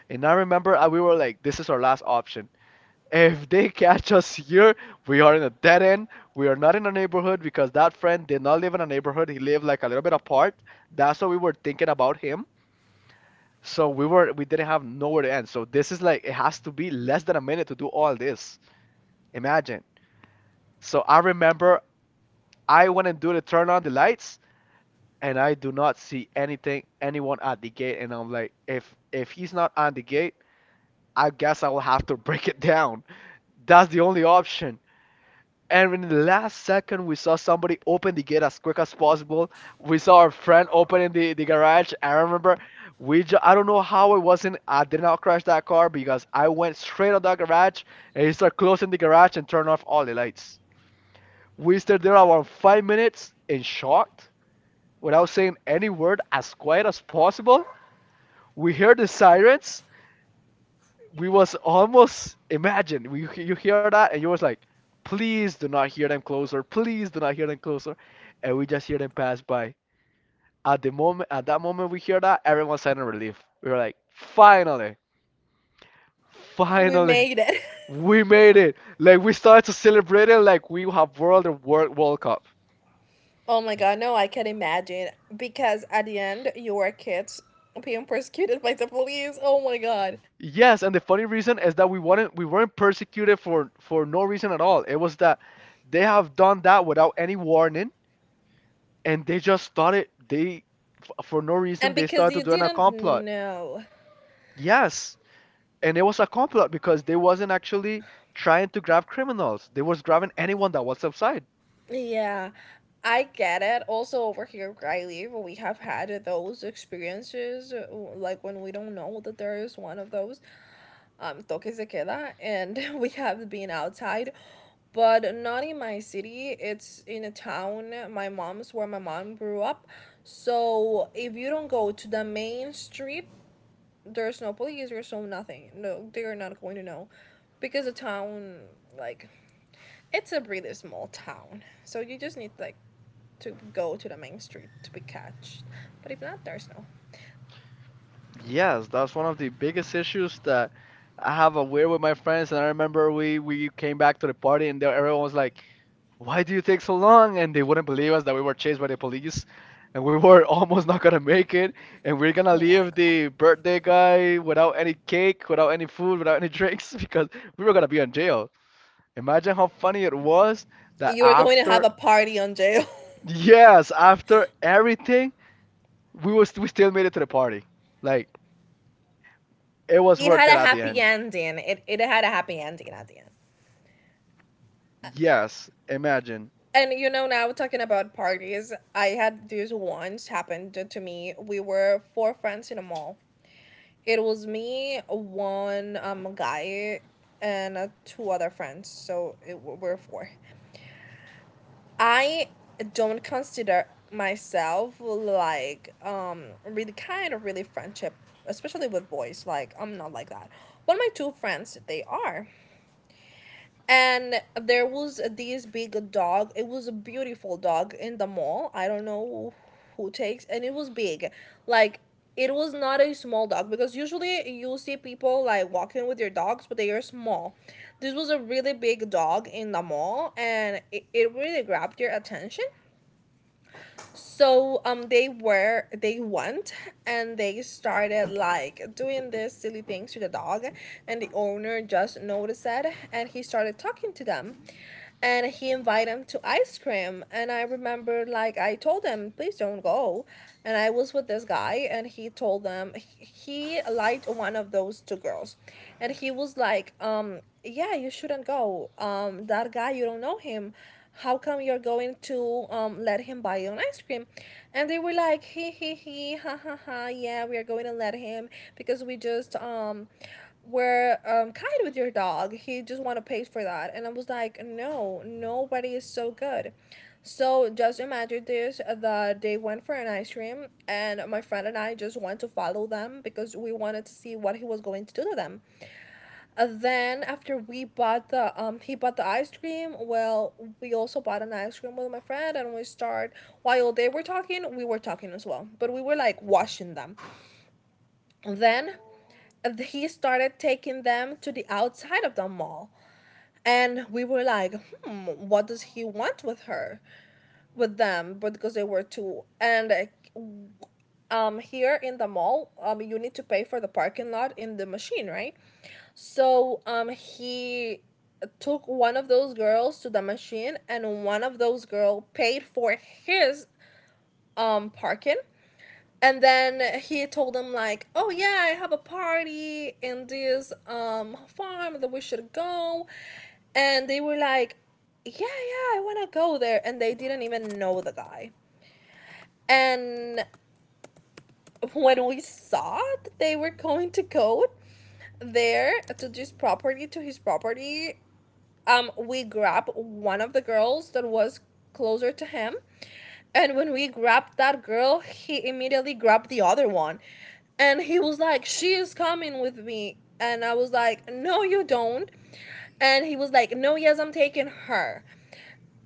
And I remember, we were like, this is our last option. If they catch us here, we are in a dead end. We are not in a neighborhood, because that friend did not live in a neighborhood. He lived like a little bit apart. That's what we were thinking about him. So we didn't have nowhere to end. So this is like it has to be less than a minute to do all this. Imagine. So I remember I went and do to turn on the lights, and I do not see anything anyone at the gate, and I'm like, if he's not on the gate, I guess I will have to *laughs* break it down. That's the only option. And in the last second we saw somebody open the gate as quick as possible. We saw our friend opening the garage. I remember I don't know how it wasn't, I did not crash that car, because I went straight on that garage, and he started closing the garage and turned off all the lights. We stood there around 5 minutes in shock without saying any word, as quiet as possible. We heard the sirens. We was almost, imagine, we, you hear that and you was like, please do not hear them closer. Please do not hear them closer. And we just hear them pass by. At that moment we hear that, everyone sign a relief. We were like, finally,
We
finally,
made it.
we made it. Like, we started to celebrate it like we have World Cup.
*laughs* Oh my god, no, I can imagine. Because at the end you were kids being persecuted by the police. Oh my god.
Yes, and the funny reason is that we weren't persecuted for no reason at all. It was that they have done that without any warning, and they just started, for no reason
And
they
because
started
you
doing a
didn't
complot.
know.
Yes, and it was a complot, because they wasn't actually trying to grab criminals, they was grabbing anyone that was outside.
Yeah, I get it. Also, over here where I live, we have had those experiences, like when we don't know that there is one of those toque se queda, and *laughs* we have been outside, but not in my city. It's in a town. My mom's where my mom grew up. So if you don't go to the main street, there's no police, there's no nothing. No, they're not going to know, because the town, like, it's a really small town, so you just need like to go to the main street to be catched. But if not, there's no.
Yes, that's one of the biggest issues that I have a weird with my friends. And I remember we came back to the party, and they- everyone was like, "Why do you take so long?" And they wouldn't believe us that we were chased by the police, and we were *laughs* almost not gonna make it, and we're gonna
Oh my
leave
god.
the birthday guy without any cake, without any food, without any drinks *laughs* because we were gonna be in jail. Imagine how funny it was that
You were going to have
after,
a party on jail.
yes, after everything, we still made it to the party. Like, it
*laughs*
was
It had
worth it
a
at the
happy
end.
ending. It had a happy ending at the end.
Yes, imagine.
And now talking about parties, I had this once happened to me. We were four friends in a mall. It was me, one guy, and two other friends. So we're four. I don't consider myself like really kind of really friendship, especially with boys. Like I'm not like that. But my two friends, they are. And there was this big dog. It was a beautiful dog in the mall. I don't know who takes, and it was big, like. It was not a small dog because usually you see people like walking with their dogs, but they are small. This was a really big dog in the mall, and it really grabbed your attention. So they went, and they started like doing these silly things to the dog. And the owner just noticed it, and he started talking to them, and he invited them to ice cream. And I remember, like, I told them, please don't go. And I was with this guy, and he told them he liked one of those two girls. And he was like, yeah, you shouldn't go, that guy, you don't know him. How come you're going to let him buy you an ice cream? And they were like, he, ha ha ha, yeah, we are going to let him because we just were kind with your dog. He just want to pay for that. And I was like, no, nobody is so good. So just imagine this, that they went for an ice cream, and my friend and I just went to follow them because we wanted to see what he was going to do to them. Then after we bought the he bought the ice cream. Well, we also bought an ice cream with my friend, and we start, while they were talking we were talking as well, but we were like washing them. And then, he started taking them to the outside of the mall. And we were like, hmm, what does he want with her, with them? But because they were two, and here in the mall, you need to pay for the parking lot in the machine, right? So, he took one of those girls to the machine, and one of those girls paid for his parking. And then he told them like, "Oh yeah, I have a party in this farm that we should go," and they were like, "Yeah, yeah, I wanna go there," and they didn't even know the guy. And when we saw that they were going to go there to his property, we grabbed one of the girls that was closer to him. And when we grabbed that girl, he immediately grabbed the other one. And he was like, she is coming with me. And I was like, no, you don't. And he was like, no, yes, I'm taking her.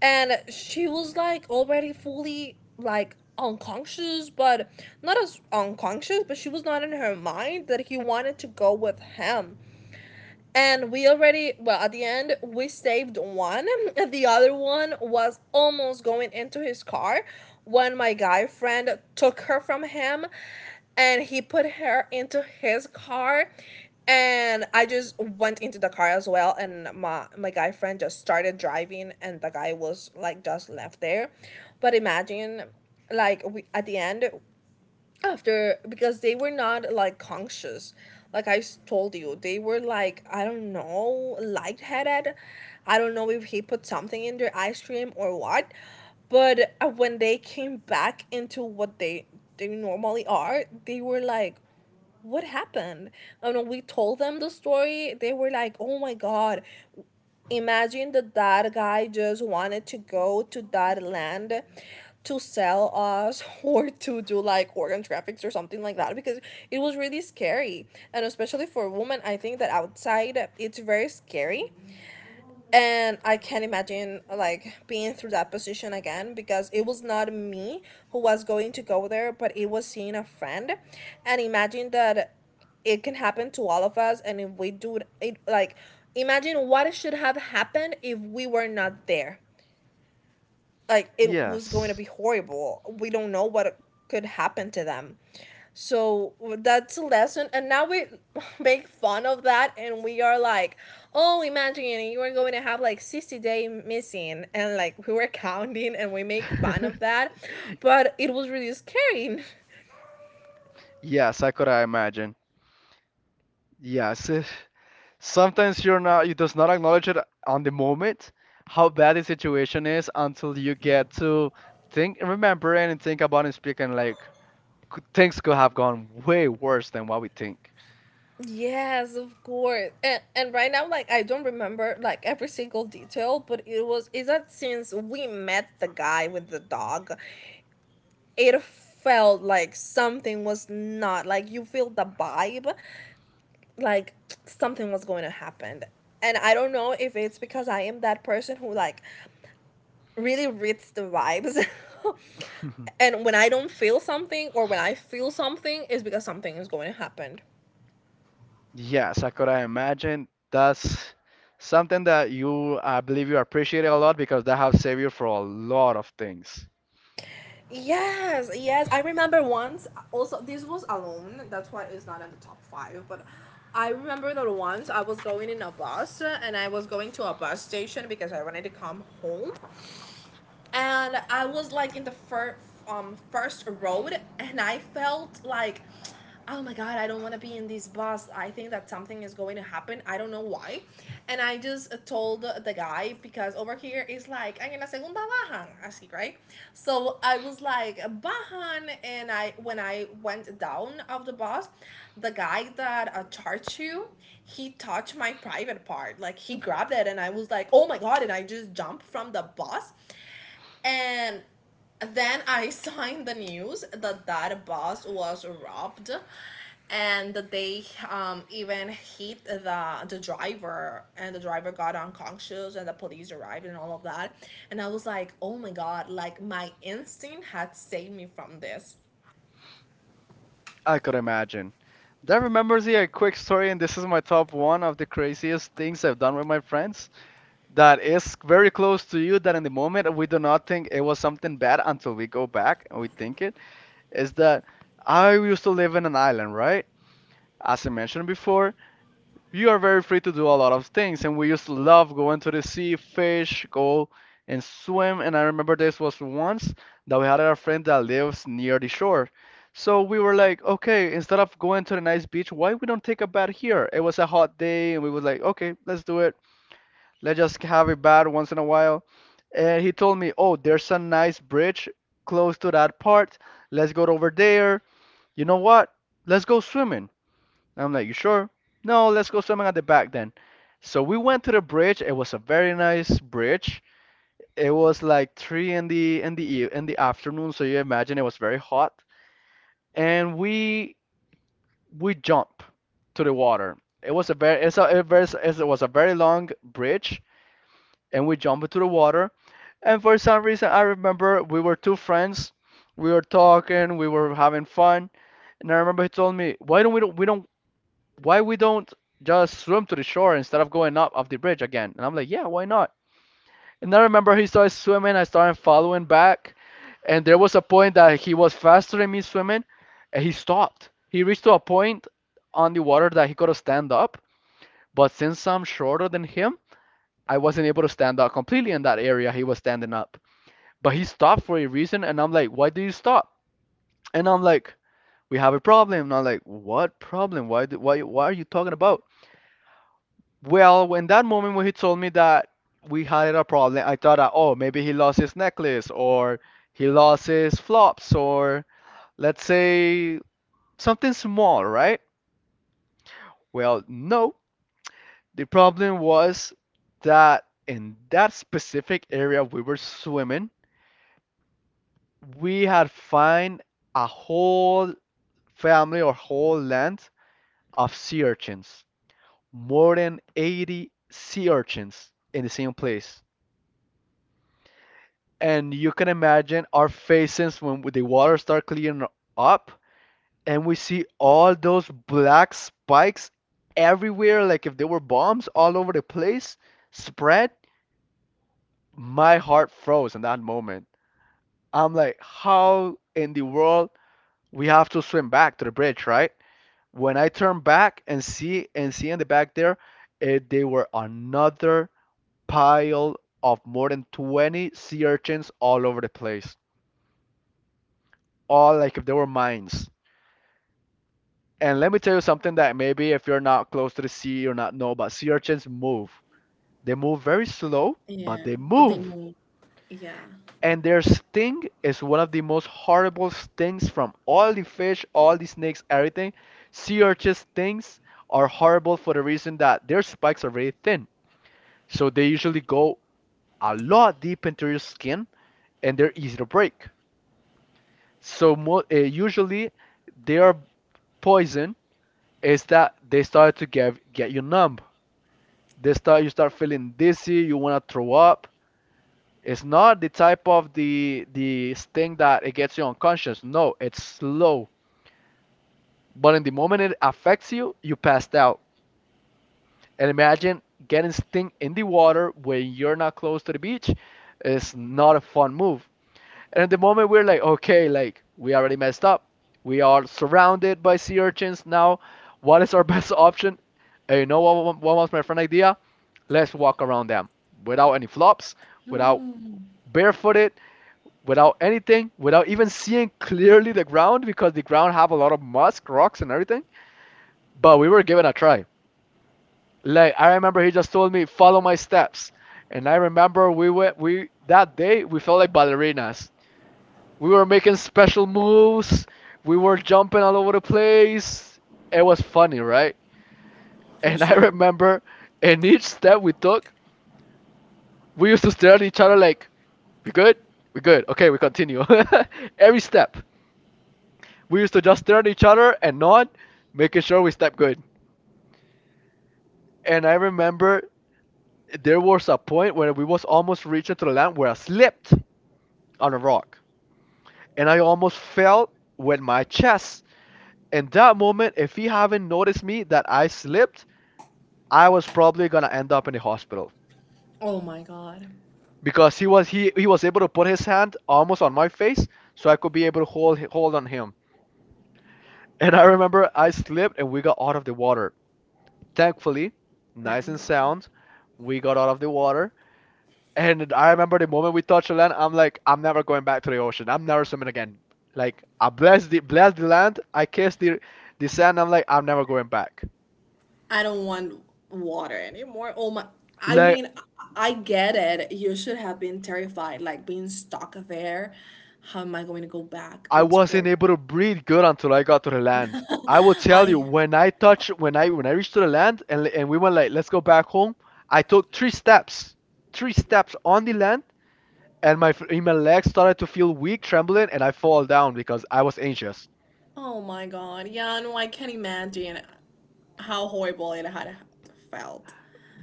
And she was like already fully like unconscious, but not as unconscious, but she was not in her mind that he wanted to go with him. And we already, well, at the end, we saved one. *laughs* The other one was almost going into his car when my guy friend took her from him, and he put her into his car. And I just went into the car as well. And my guy friend just started driving, and the guy was like just left there. But imagine, like, we, at the end, after, because they were not like conscious, like told you, they were like, I don't know, lightheaded. I don't know if he put something in their ice cream or what. But when they came back into what they normally are, they were like, what happened? And when we told them the story, they were like, oh my god, imagine that that guy just wanted to go to that land to sell us *laughs* or to do like organ traffics or something like that, because it was really scary, and especially for women, I think that outside it's very scary. And I can't imagine like being through that position again, because it was not me who was going to go there, but it was seeing a friend. And imagine that it can happen to all of us, and if we do it like, imagine what should have happened if we were not there, like it was going to
Yes.
be horrible. We don't know what could happen to them. So that's a lesson. And now we *laughs* make fun of that, and we are like, oh, imagine you were going to have like 60 days missing. And like we were counting, and we make fun of
*laughs*
that. But it was really scary. *laughs*
Yes, I could I imagine. Yes. *laughs* Sometimes you're not you does not acknowledge it on the moment how bad the situation is until you get to think remember it and think about and speak, and like, things could have gone way worse than what we think.
Yes, of course. And right now, like, I don't remember like every single detail, but it was, is that since we met the guy with the dog, it felt like something was not, like, you feel the vibe, like something was going to happen. And I don't know if it's because I am that person who like really reads the vibes, *laughs*
*laughs*
and when I don't feel something, or when I feel something, is because something is going to happen.
Yes, I imagine. That's something that you, I believe you appreciate it a lot, because that have saved you for a lot of things.
Yes, yes. I remember once, also, this was alone, that's why it's not in the top five, but I remember that once I was going in a bus, and I was going to a bus station because I wanted to come home. And I was like in the first road, and I felt like, oh my god, I don't want to be in this bus. I think that something is going to happen. I don't know why, and I just told the guy, because over here it's like, "Ay, en la segunda bajan, así," right. So I was like bajan, and I when I went down of the bus, the guy that charged you, he touched my private part. Like he grabbed it, and I was like, oh my god! And I just jumped from the bus, and then I *laughs* saw in the news that that bus was robbed, and they even hit the driver, and the driver got unconscious, and the police arrived, and all of that. And I was like, oh my god! Like my instinct had saved me from this.
I could imagine. That remembers me a quick story, and this is my top one of the craziest things I've done with my friends. That is very close to you. That in the moment we do not think it was something bad until we go back and we think it. Is that I used to live in an island, right? As I mentioned before, you are very free to do a lot of things, and we used to love going to the sea, fish go and swim. And I remember this was once that we had a friend that lives near the shore, so we were like, okay, instead of going to the nice beach, why we don't take a bath here? It was a hot day and we was like, okay, let's do it, let's just have a bath once in a while. And he told me, oh, there's a nice bridge close to that part, let's go over there, you know what, let's go swimming. I'm like, you sure? No, let's go swimming at the back then. So we went to the bridge. It was a very nice bridge. It was like three in the in the afternoon, so you imagine it was very hot. And we jump to the water. It was a very, it was a very long bridge, and we jumped into the water. And for some reason, I remember we were two friends. We were talking, we were having fun, and I remember he told me, "Why don't we don't just swim to the shore instead of going up off the bridge again?" And I'm like, yeah, why not? And I remember he started swimming. I started following back, and there was a point that he was faster than me swimming, and he stopped. He reached to a point on the water that he could have stand up, but since I'm shorter than him, I wasn't able to stand up completely in that area he was standing up. But he stopped for a reason, and I'm like, why do you stop? And I'm like, we have a problem. And I'm like, what problem? Why? Why are you talking about? Well, when that moment when he told me that we had a problem, I thought that, oh, maybe he lost his necklace or he lost his flops, or let's say something small, right? Well, no. The problem was that in that specific area we were swimming, we had find a whole family or whole land of sea urchins, more than 80 sea urchins in the same place. And you can imagine our faces when the water start clearing up and we see all those black spikes everywhere, like if they were bombs all over the place spread. My heart froze in that moment. I'm like, how in the world we have to swim back to the bridge, right? When I turn back and see in the back there, they were another pile of more than 20 sea urchins all over the place, all like if they were mines. And let me tell you something that maybe if you're not close to the sea, you're not know, but sea urchins move. They move very slow, but
Yeah,
they
but they
move.
moved. Yeah.
And their sting is one of the most horrible stings from all the fish, all the snakes, everything. Sea urchins stings are horrible for the reason that their spikes are very thin. So they usually go a lot deep into your skin, and they're easy to break. So usually their poison is that they start to get you numb. They start You start feeling dizzy, you want to throw up. It's not the type of the thing that it gets you unconscious. No, it's slow. But in the moment it affects you, you passed out. And imagine getting sting in the water when you're not close to the beach. It's not a fun move. And at the moment we're like, okay, like we already messed up. We are surrounded by sea urchins now. What is our *laughs* best option? And you know what, was my friend idea? Let's walk around them without any flops, without barefooted, without anything, without even seeing clearly the ground because the ground have a lot of musk, rocks, and everything. But we were given a try. Like I remember, he just told me follow my steps, and I remember we went we that day we felt like ballerinas. We were making special moves. We were jumping all over the place. It was funny, right? *laughs* And I remember in each step we took, we used to stare at each other like, we good? We good. Okay, we continue. *laughs* Every step. We used to just stare at each other and nod, making sure we step good. And I remember there was a point where we was almost reaching to the land where I slipped on a rock. And I almost fell with my chest. In that moment, if he haven't noticed me that I slipped, I was probably gonna end up in the hospital
Oh my god.
because he was able to put his hand almost on my face, so I could be able to hold on him. And I remember I slipped and we got out of the water. Thankfully, nice
Thank
and
God.
sound, we got out of the water. And I remember the moment we touched the land, I'm like, I'm never going back to the ocean. I'm never swimming again. Like I bless the land, I kiss the sand. I'm like, I'm never going back.
I don't want water anymore. Oh my, I
Like
mean, I get it. You should have been terrified, like being stuck there. How am I going to go back?
I
It's
wasn't
horrible.
able to breathe good until I got to the land. I will tell you
I,
when I touch when I reached to the land and we went like let's go back home. I took three steps on the land, and my legs started to feel weak, trembling, and I fall down because I was anxious.
oh my God. Yeah, no, I can't imagine how horrible it had felt.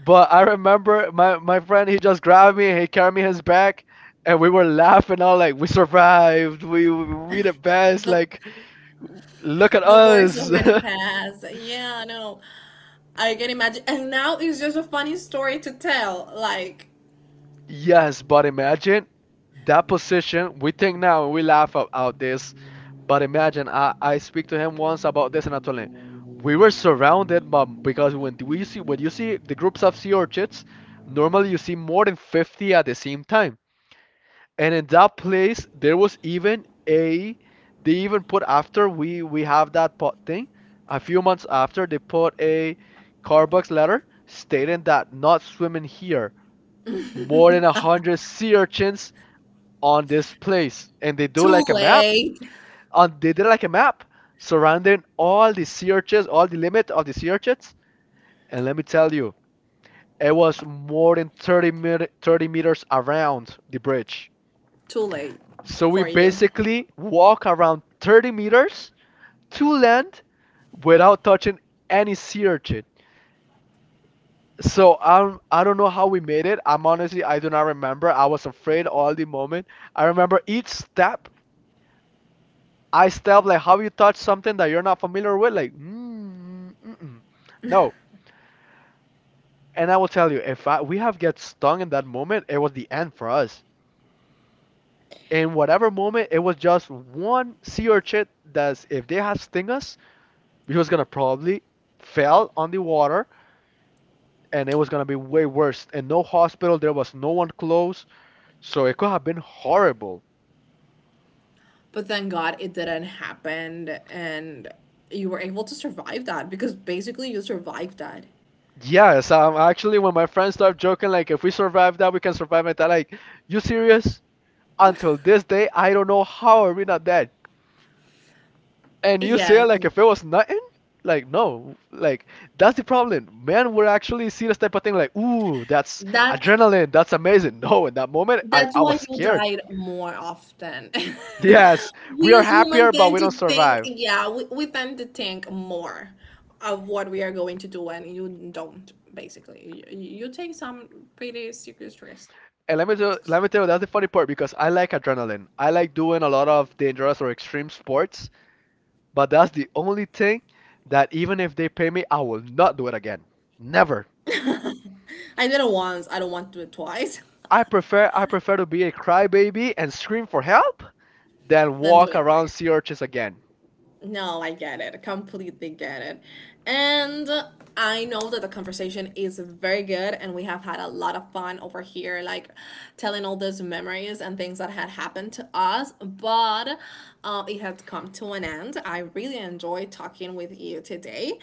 But I remember my friend he just grabbed me, he carried me his back, and we were laughing all like we survived, we the best,
The,
like look at
the worst
us.
already
*laughs*
passed. Yeah, no, I can imagine. And now it's just a funny story to tell. Like,
Yes, but imagine that position. We think now and we laugh about this, but imagine I speak to him once about this, and I told him we were surrounded, but because when you see the groups of sea orchids, normally you see more than 50 at the same time. And in that place, there was even a they even put after we have that pot thing, a few months after they put a Carbucks letter stating that not swimming here more than 100 sea urchins on this place, and they do
too
like a map.
late.
On They did like a map surrounding all the sea urchins, all the limit of the sea urchins. And let me tell you, it was more than 30 meters around the bridge.
Too late
So we
for you.
basically walk around 30 meters to land without touching any sea urchin. So I don't know how we made it. I'm honestly I do not remember. I was afraid all the moment. I remember each step I step like how you touch something that you're not familiar with, like mm, mm-mm. No. And I will tell you, if I, we have get stung in that moment, it was the end for us. In whatever moment, it was just one sea urchin that if they had sting us, we was gonna probably fell on the water and it was gonna be way worse. And no hospital, there was no one close, so it could have been horrible.
But thank God it didn't happen, and you were able to survive that, because basically you survived that.
Yes, actually, when my friends start joking, like if we survive that, we can survive it. That, like, you serious? Until this day, I don't know how are we not dead. And you say
Yes,
like if it was nothing? Like no, like that's the problem. Man would actually see this type of thing like, ooh, that's
that
adrenaline, that's amazing. *laughs* No, in that moment,
that's
I
why
was
you
scared.
died more often. *laughs*
Yes, we
We
are
as
happier,
women
but
tend
we don't
to think,
survive.
yeah, we tend to think more of what we are going to do, and you don't. Basically, you take some pretty serious risks.
And let me tell you, that's the funny part because I like adrenaline. I like doing a lot of dangerous or extreme sports, but that's the only thing that even if they pay me, I will not do it again. Never.
I did it once, I don't want to do it twice. *laughs*
I prefer to be a crybaby and scream for help than
Then do
walk
it
around
again.
sea urchins again.
No, I get it. Completely get it. And I know that the conversation is very good and we have had a lot of fun over here, like telling all those memories and things that had happened to us. But it has come to an end. I really enjoyed talking with you today.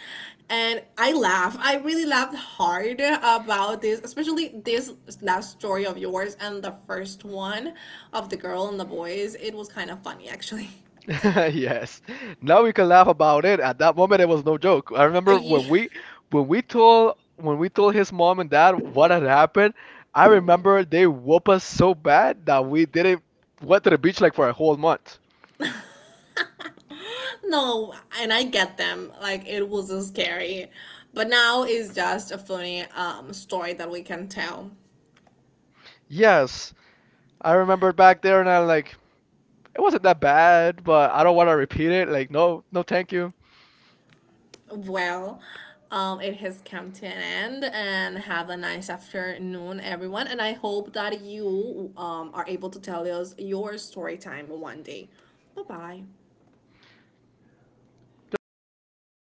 And I laugh. I really laughed hard about this, especially this last story of yours and the first one of the girl and the boys. It was kind of funny, actually.
*laughs* Yes. Now we can laugh about it. At that moment, it was no joke. I
*laughs*
remember
Yeah.
when we told his mom and dad what had happened. I remember they whooped us so bad that we didn't went to the beach like for a whole month.
No, and I get them. Like it was so scary, but now it's just a funny story that we can tell.
Yes, I remember back there, and I'm like, it wasn't that bad, but I don't want to repeat it. Like, no, no, thank you.
Well, it has come to an end, and have a nice afternoon, everyone. And I hope that you are able to tell us your story time one day. Bye bye.
Goodbye, everyone.